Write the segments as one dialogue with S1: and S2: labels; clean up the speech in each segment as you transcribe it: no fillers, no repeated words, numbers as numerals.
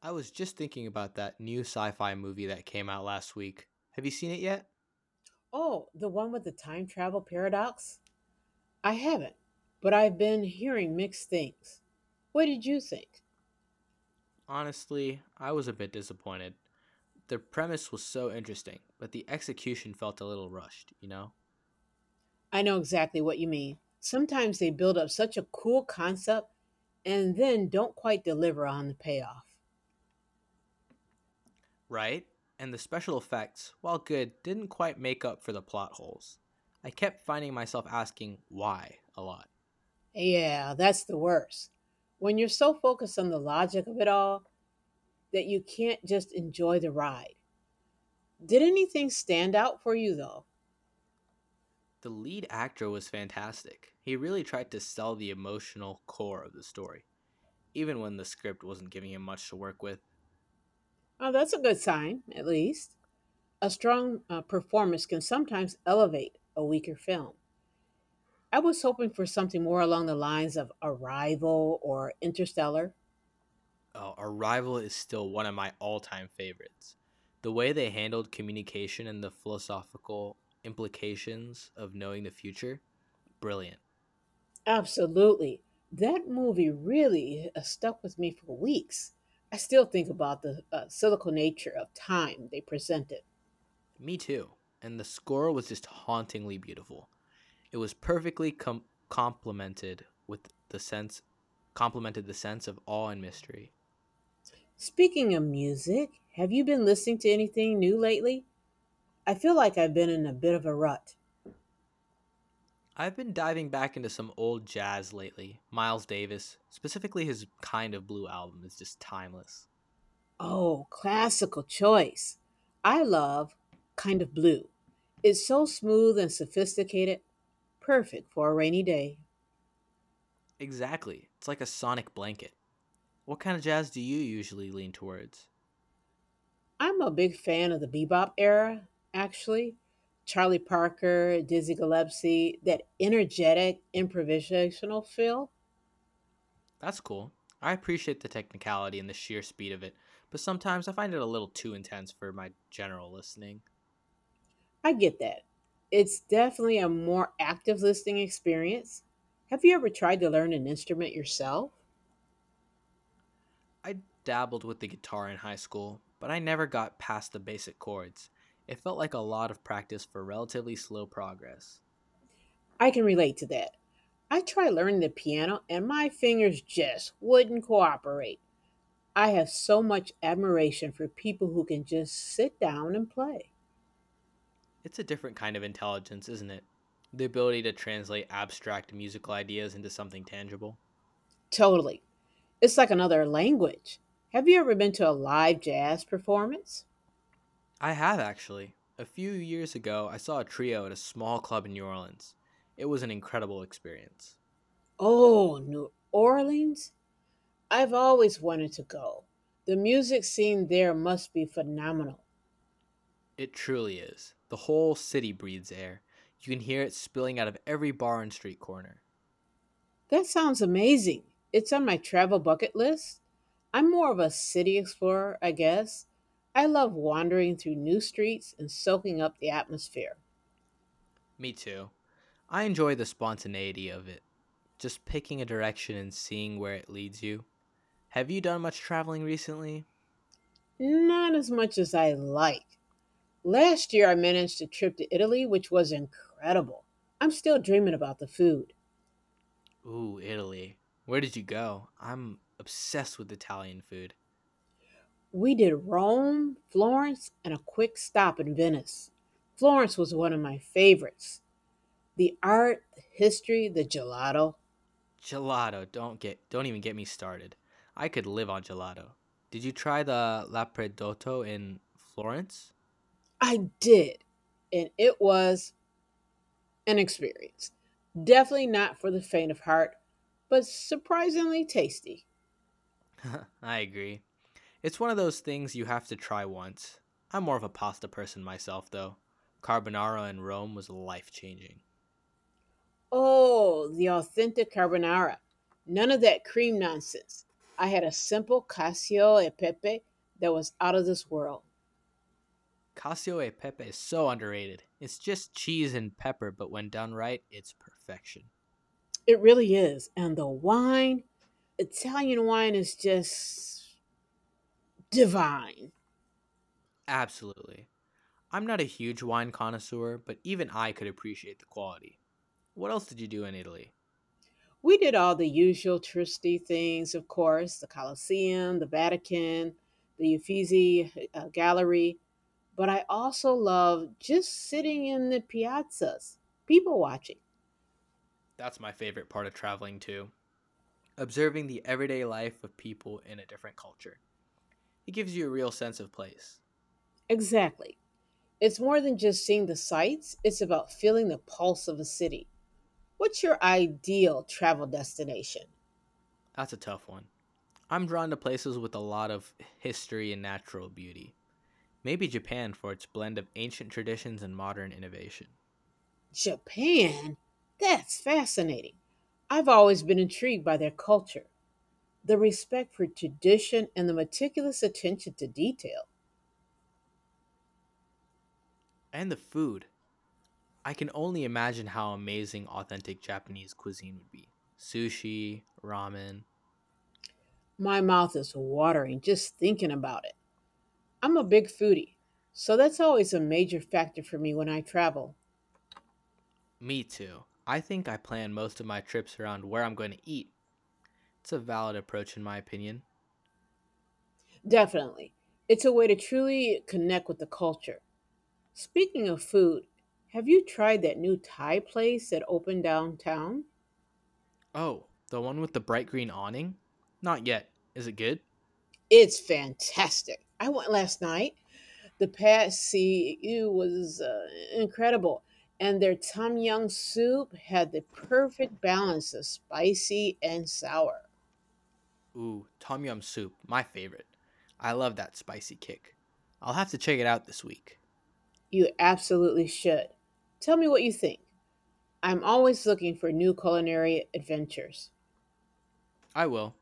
S1: I was just thinking about that new sci fi movie that came out last week. Have you seen it yet?
S2: Oh, the one with the time travel paradox? I haven't, but I've been hearing mixed things. What did you think?
S1: Honestly, I was a bit disappointed. The premise was so interesting, but the execution felt a little rushed, you know?
S2: I know exactly what you mean. Sometimes they build up such a cool concept and then don't quite deliver on the payoff.
S1: Right? And the special effects, while good, didn't quite make up for the plot holes. I kept finding myself asking why a lot.
S2: Yeah, that's the worst. When you're so focused on the logic of it all that you can't just enjoy the ride. Did anything stand out for you, though?
S1: The lead actor was fantastic. He really tried to sell the emotional core of the story, even when the script wasn't giving him much to work with.
S2: Oh, that's a good sign, at least. A strong performance can sometimes elevate a weaker film. I was hoping for something more along the lines of Arrival or Interstellar.
S1: Arrival is still one of my all time favorites. The way they handled communication and the philosophical implications of knowing the future, brilliant.
S2: Absolutely. That movie really stuck with me for weeks. I still think about the cynical nature of time they presented.
S1: Me too. And the score was just hauntingly beautiful. It was perfectly complemented the sense of awe and mystery.
S2: Speaking of music, have you been listening to anything new lately? I feel like I've been in a bit of a rut.
S1: I've been diving back into some old jazz lately. Miles Davis, specifically his kind of blue album is just timeless.
S2: Oh, classical choice. I love Kind of Blue. It's so smooth and sophisticated, perfect for a rainy day.
S1: Exactly. It's like a sonic blanket. What kind of jazz do you usually lean towards?
S2: I'm a big fan of the bebop era, actually. Charlie Parker, Dizzy Gillespie, that energetic improvisational feel.
S1: That's cool. I appreciate the technicality and the sheer speed of it, but sometimes I find it a little too intense for my general listening.
S2: I get that. It's definitely a more active listening experience. Have you ever tried to learn an instrument yourself?
S1: I dabbled with the guitar in high school, but I never got past the basic chords. It felt like a lot of practice for relatively slow progress.
S2: I can relate to that. I tried learning the piano and my fingers just wouldn't cooperate. I have so much admiration for people who can just sit down and play.
S1: It's a different kind of intelligence, isn't it? The ability to translate abstract musical ideas into something tangible.
S2: Totally. It's like another language. Have you ever been to a live jazz performance?
S1: I have actually. A few years ago, I saw a trio at a small club in New Orleans. It was an incredible experience.
S2: Oh, New Orleans? I've always wanted to go. The music scene there must be phenomenal.
S1: It truly is. The whole city breathes air. You can hear it spilling out of every bar and street corner.
S2: That sounds amazing. It's on my travel bucket list. I'm more of a city explorer, I guess. I love wandering through new streets and soaking up the atmosphere.
S1: Me too. I enjoy the spontaneity of it, just picking a direction and seeing where it leads you. Have you done much traveling recently?
S2: Not as much as I like. Last year, I managed a trip to Italy, which was incredible. I'm still dreaming about the food.
S1: Ooh, Italy. Where did you go? I'm obsessed with Italian food.
S2: We did Rome, Florence, and a quick stop in Venice. Florence was one of my favorites. The art, the history, the gelato.
S1: Gelato, don't even get me started. I could live on gelato. Did you try the Lappredotto in Florence?
S2: I did. And it was an experience. Definitely not for the faint of heart, but surprisingly tasty.
S1: I agree. It's one of those things you have to try once. I'm more of a pasta person myself though. Carbonara in Rome was life-changing.
S2: Oh, the authentic carbonara. None of that cream nonsense. I had a simple cacio e pepe that was out of this world.
S1: Cassio e pepe is so underrated. It's just cheese and pepper, but when done right, it's perfection.
S2: It really is. And the wine, Italian wine is just divine.
S1: Absolutely. I'm not a huge wine connoisseur, but even I could appreciate the quality. What else did you do in Italy?
S2: We did all the usual touristy things, of course, the Colosseum, the Vatican, the Uffizi Gallery, but I also love just sitting in the piazzas, people watching.
S1: That's my favorite part of traveling too. Observing the everyday life of people in a different culture. It gives you a real sense of place.
S2: Exactly. It's more than just seeing the sights, it's about feeling the pulse of a city. What's your ideal travel destination?
S1: That's a tough one. I'm drawn to places with a lot of history and natural beauty. Maybe Japan for its blend of ancient traditions and modern innovation.
S2: Japan? That's fascinating. I've always been intrigued by their culture, the respect for tradition and the meticulous attention to detail.
S1: And the food. I can only imagine how amazing authentic Japanese cuisine would be. Sushi, ramen,
S2: My mouth is watering just thinking about it. I'm a big foodie, so that's always a major factor for me when I travel.
S1: me too. I think I plan most of my trips around where I'm going to eat. It's a valid approach, in my opinion.
S2: Definitely. It's a way to truly connect with the culture. Speaking of food, have you tried that new Thai place that opened downtown?
S1: Oh, the one with the bright green awning? Not yet. Is it good?
S2: It's fantastic. I went last night. The past CU was incredible. And their Tom Yum soup had the perfect balance of spicy and sour.
S1: Ooh, tom yum soup, my favorite. I love that spicy kick. I'll have to check it out this week.
S2: You absolutely should. Tell me what you think. I'm always looking for new culinary adventures.
S1: I will.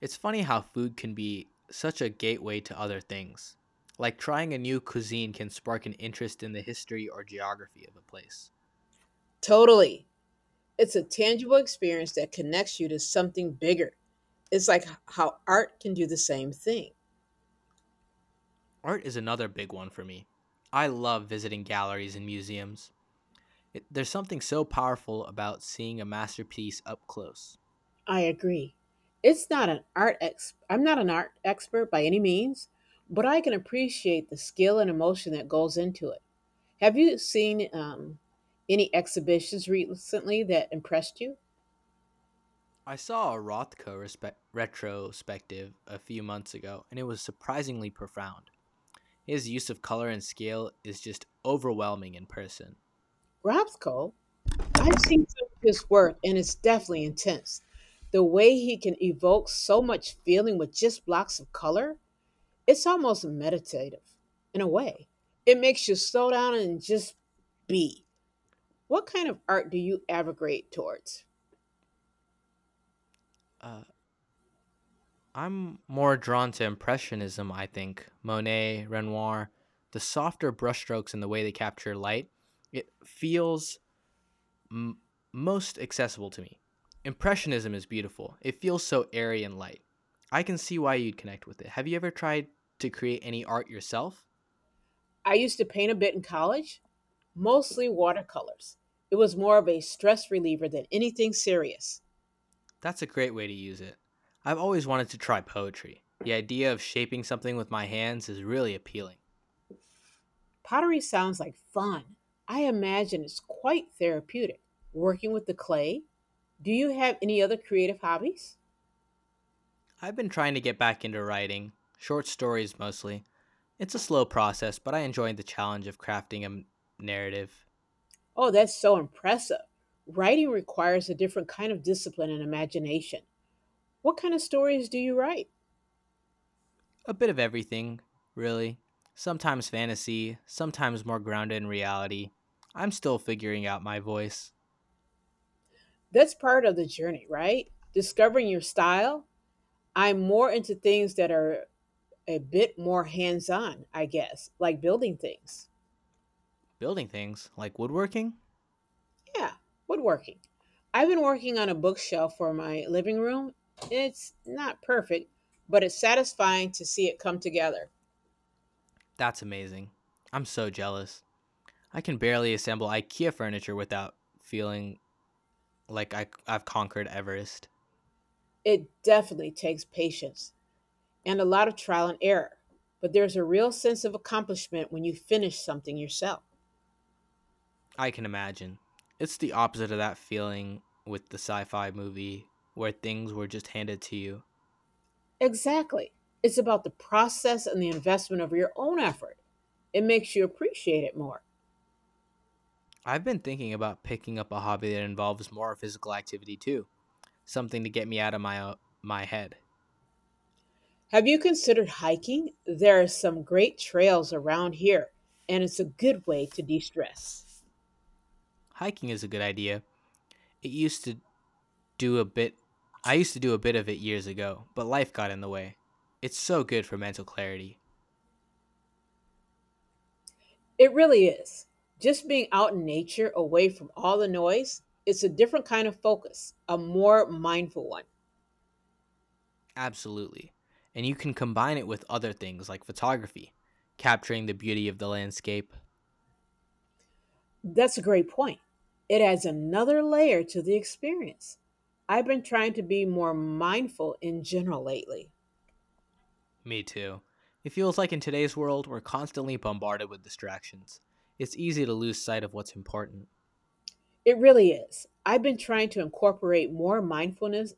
S1: It's funny how food can be such a gateway to other things. Like trying a new cuisine can spark an interest in the history or geography of a place.
S2: Totally. It's a tangible experience that connects you to something bigger. It's like how art can do the same thing.
S1: Art is another big one for me. I love visiting galleries and museums. There's something so powerful about seeing a masterpiece up close.
S2: I agree. It's not an art ex- I'm not an art expert by any means, but I can appreciate the skill and emotion that goes into it. Have you seen any exhibitions recently that impressed you?
S1: I saw a retrospective a few months ago, and it was surprisingly profound. His use of color and scale is just overwhelming in person.
S2: Robsko, I've seen some of his work and it's definitely intense. The way he can evoke so much feeling with just blocks of color, it's almost meditative in a way. It makes you slow down and just be. What kind of art do you aggregate towards?
S1: Uh, I'm more drawn to Impressionism, I think. Monet, Renoir, the softer brushstrokes and the way they capture light. It feels m- most accessible to me.
S2: Okay.
S1: Impressionism is beautiful. It feels so airy and light. I can see why you'd connect with it. Have you ever tried to create any art yourself?
S2: I used to paint a bit in college, mostly watercolors. It was more of a stress reliever than anything serious.
S1: That's a great way to use it. I've always wanted to try poetry. The idea of shaping something with my hands is really appealing.
S2: Pottery sounds like fun. I imagine it's quite therapeutic. Working with the clay, do you have any other creative hobbies?
S1: I've been trying to get back into writing, short stories mostly. It's a slow process, but I enjoy the challenge of crafting a narrative.
S2: Oh, that's so impressive. Writing requires a different kind of discipline and imagination. What kind of stories do you write?
S1: A bit of everything, really. Sometimes fantasy, sometimes more grounded in reality. I'm still figuring out my voice.
S2: That's part of the journey, right? Discovering your style. I'm more into things that are a bit more hands on, I guess, like building things.
S1: Building things like woodworking?
S2: Yeah, woodworking. I've been working on a bookshelf for my living room. It's not perfect, but it's satisfying to see it come together.
S1: That's amazing. I'm so jealous. I can barely assemble IKEA furniture without feeling like I've conquered Everest.
S2: It definitely takes patience and a lot of trial and error, but there's a real sense of accomplishment when you finish something yourself.
S1: I can imagine. It's the opposite of that feeling with the sci fi movie where things were just handed to you.
S2: Exactly. It's about the process and the investment of your own effort. It makes you appreciate it more.
S1: I've been thinking about picking up a hobby that involves more physical activity too. Something to get me out of my my head.
S2: Have you considered hiking? There are some great trails around here, and it's a good way to de stress.
S1: Hiking is a good idea. It used to do a bit I used to do a bit of it years ago, but life got in the way. It's so good for mental clarity.
S2: It really is. Just being out in nature, away from all the noise, it's a different kind of focus, a more mindful one.
S1: Absolutely. And you can combine it with other things like photography, capturing the beauty of the landscape.
S2: That's a great point. It adds another layer to the experience. I've been trying to be more mindful in general lately.
S1: Me too. It feels like in today's world, we're constantly bombarded with distractions. It's easy to lose sight of what's important.
S2: It really is. I've been trying to incorporate more mindfulness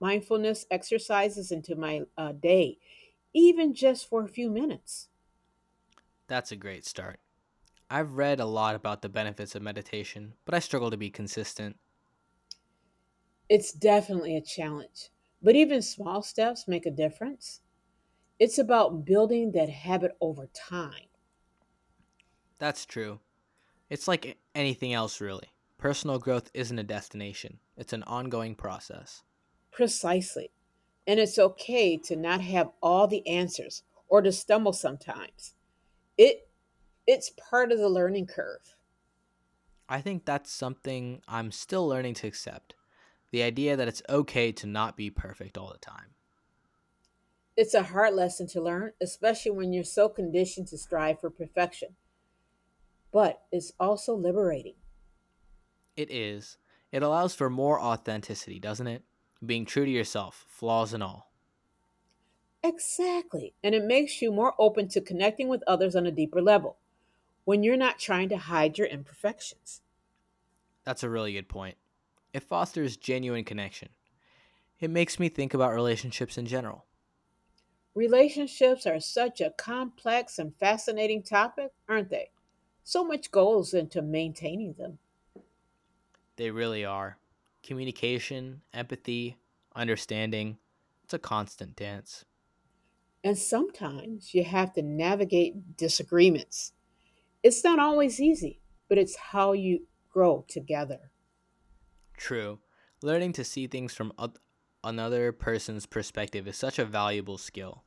S2: mindfulness exercises into my day, even just for a few minutes.
S1: That's a great start. I've read a lot about the benefits of meditation, but I struggle to be consistent.
S2: It's definitely a challenge, but even small steps make a difference. It's about building that habit over time.
S1: That's true. It's like anything else, really. Personal growth isn't a destination, it's an ongoing process.
S2: Precisely. And it's okay to not have all the answers or to stumble sometimes. It it's part of the learning curve.
S1: I think that's something I'm still learning to accept, the idea that it's okay to not be perfect all the time.
S2: It's a hard lesson to learn, especially when you're so conditioned to strive for perfection, but it's also liberating.
S1: It is. It allows for more authenticity, doesn't it? Being true to yourself, flaws and all.
S2: Exactly. And it makes you more open to connecting with others on a deeper level when you're not trying to hide your imperfections.
S1: That's a really good point. It fosters genuine connection. It makes me think about relationships in general.
S2: Relationships are such a complex and fascinating topic, aren't they? So much goes into maintaining them.
S1: They really are. Communication, empathy, understanding. It's a constant dance.
S2: And sometimes you have to navigate disagreements. It's not always easy, but it's how you grow together.
S1: True. Learning to see things from another person's perspective is such a valuable skill.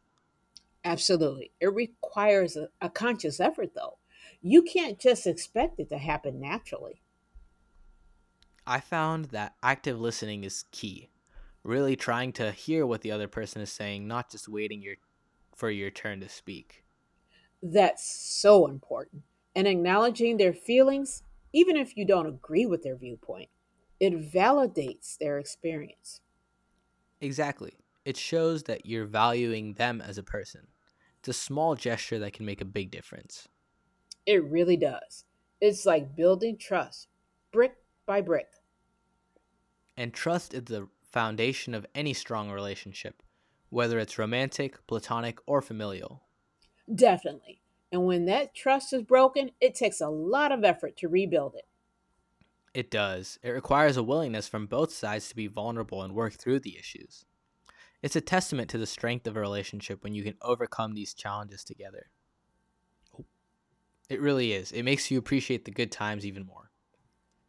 S2: Absolutely. It requires a conscious effort, though. You can't just expect it to happen naturally.
S1: I found that active listening is key. Really trying to hear what the other person is saying, not just waiting your for your turn to speak.
S2: That's so important. And acknowledging their feelings, even if you don't agree with their viewpoint, it validates their experience.
S1: Exactly. It shows that you're valuing them as a person. It's a small gesture that can make a big difference.
S2: It really does. It's like building trust, brick by brick.
S1: And trust is the foundation of any strong relationship, whether it's romantic, platonic, or familial.
S2: Definitely. And when that trust is broken, it takes a lot of effort to rebuild it.
S1: It does. It requires a willingness from both sides to be vulnerable and work through the issues. It's a testament to the strength of a relationship when you can overcome these challenges together. It really is. It makes you appreciate the good times even more.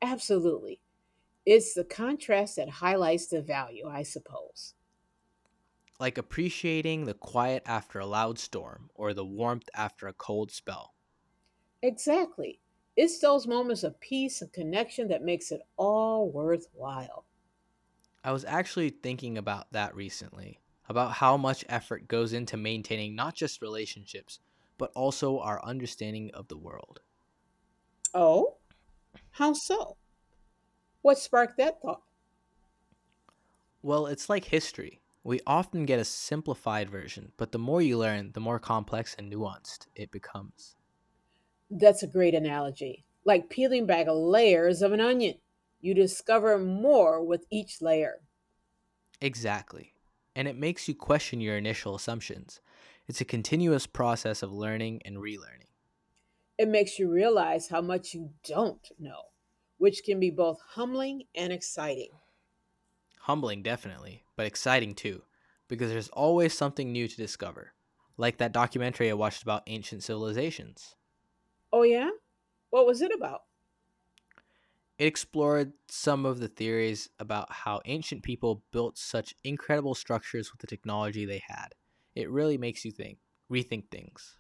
S2: Absolutely. It's the contrast that highlights the value, I suppose.
S1: Like appreciating the quiet after a loud storm or the warmth after a cold spell.
S2: Exactly. It's those moments of peace and connection that makes it all worthwhile.
S1: I was actually thinking about that recently, about how much effort goes into maintaining not just relationships, but also our understanding of the world.
S2: Oh, how so? What sparked that thought?
S1: Well, it's like history. We often get a simplified version, but the more you learn, the more complex and nuanced it becomes.
S2: That's a great analogy. Like peeling back layers of an onion, you discover more with each layer.
S1: Exactly. And it makes you question your initial assumptions. It's a continuous process of learning and relearning.
S2: It makes you realize how much you don't know, which can be both humbling and exciting.
S1: Humbling, definitely, but exciting too, because there's always something new to discover. Like that documentary I watched about ancient civilizations.
S2: Oh, yeah? What was it about?
S1: It explored some of the theories about how ancient people built such incredible structures with the technology they had. It really makes you rethink things.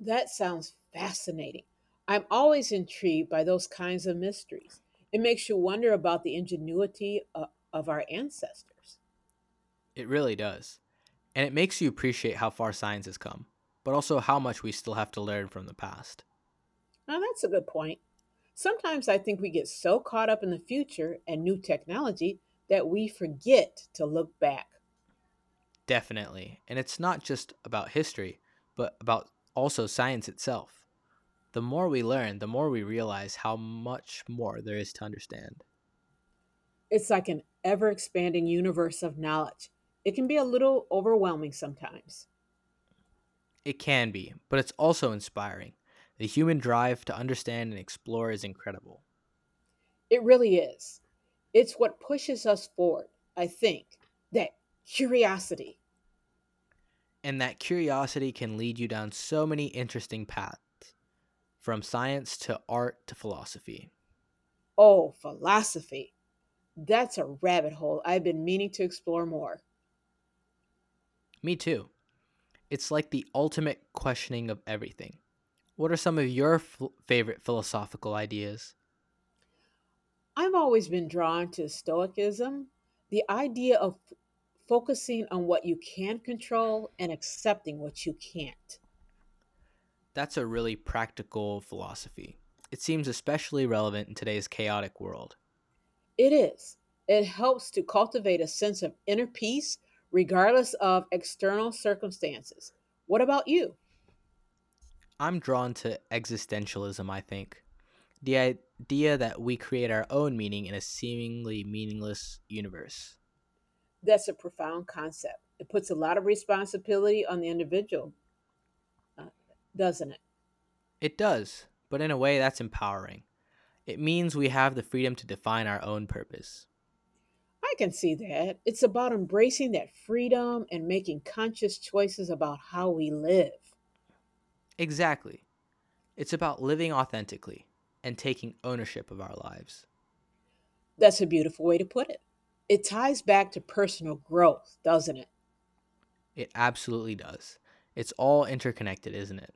S2: That sounds fascinating. I'm always intrigued by those kinds of mysteries. It makes you wonder about the of our ancestors.
S1: It really does. And it makes you appreciate how far science has come, but also how much we still have to learn from the past.
S2: Now, that's a good point. Sometimes I think we get so caught up in the future and new technology that we forget to look back.
S1: Definitely. And it's not just about history, but about also science itself. The more we learn, the more we realize how much more there is to understand.
S2: It's like an ever expanding universe of knowledge. It can be a little overwhelming sometimes.
S1: It can be, but it's also inspiring. The human drive to understand and explore is incredible.
S2: It really is. It's what pushes us forward, I think, that curiosity.
S1: And that curiosity can lead you down so many interesting paths, from science to art to philosophy.
S2: Oh, philosophy. That's a rabbit hole I've been meaning to explore more.
S1: Me too. It's like the ultimate questioning of everything. What are some of your favorite philosophical ideas?
S2: I've always been drawn to Stoicism, the idea of focusing on what you can control and accepting what you can't.
S1: That's a really practical philosophy. It seems especially relevant in today's chaotic world.
S2: It is. It helps to cultivate a sense of inner peace regardless of external circumstances. What about you?
S1: I'm drawn to existentialism, I think. The idea that we create our own meaning in a seemingly meaningless universe.
S2: That's a profound concept. It puts a lot of responsibility on the individual, uh, doesn't it?
S1: It does, but in a way that's empowering. It means we have the freedom to define our own purpose.
S2: I can see that. It's about embracing that freedom and making conscious choices about how we live.
S1: Exactly. It's about living authentically and taking ownership of our lives.
S2: That's a beautiful way to put it. It ties back to personal growth, doesn't it?
S1: It absolutely does. It's all interconnected, isn't it?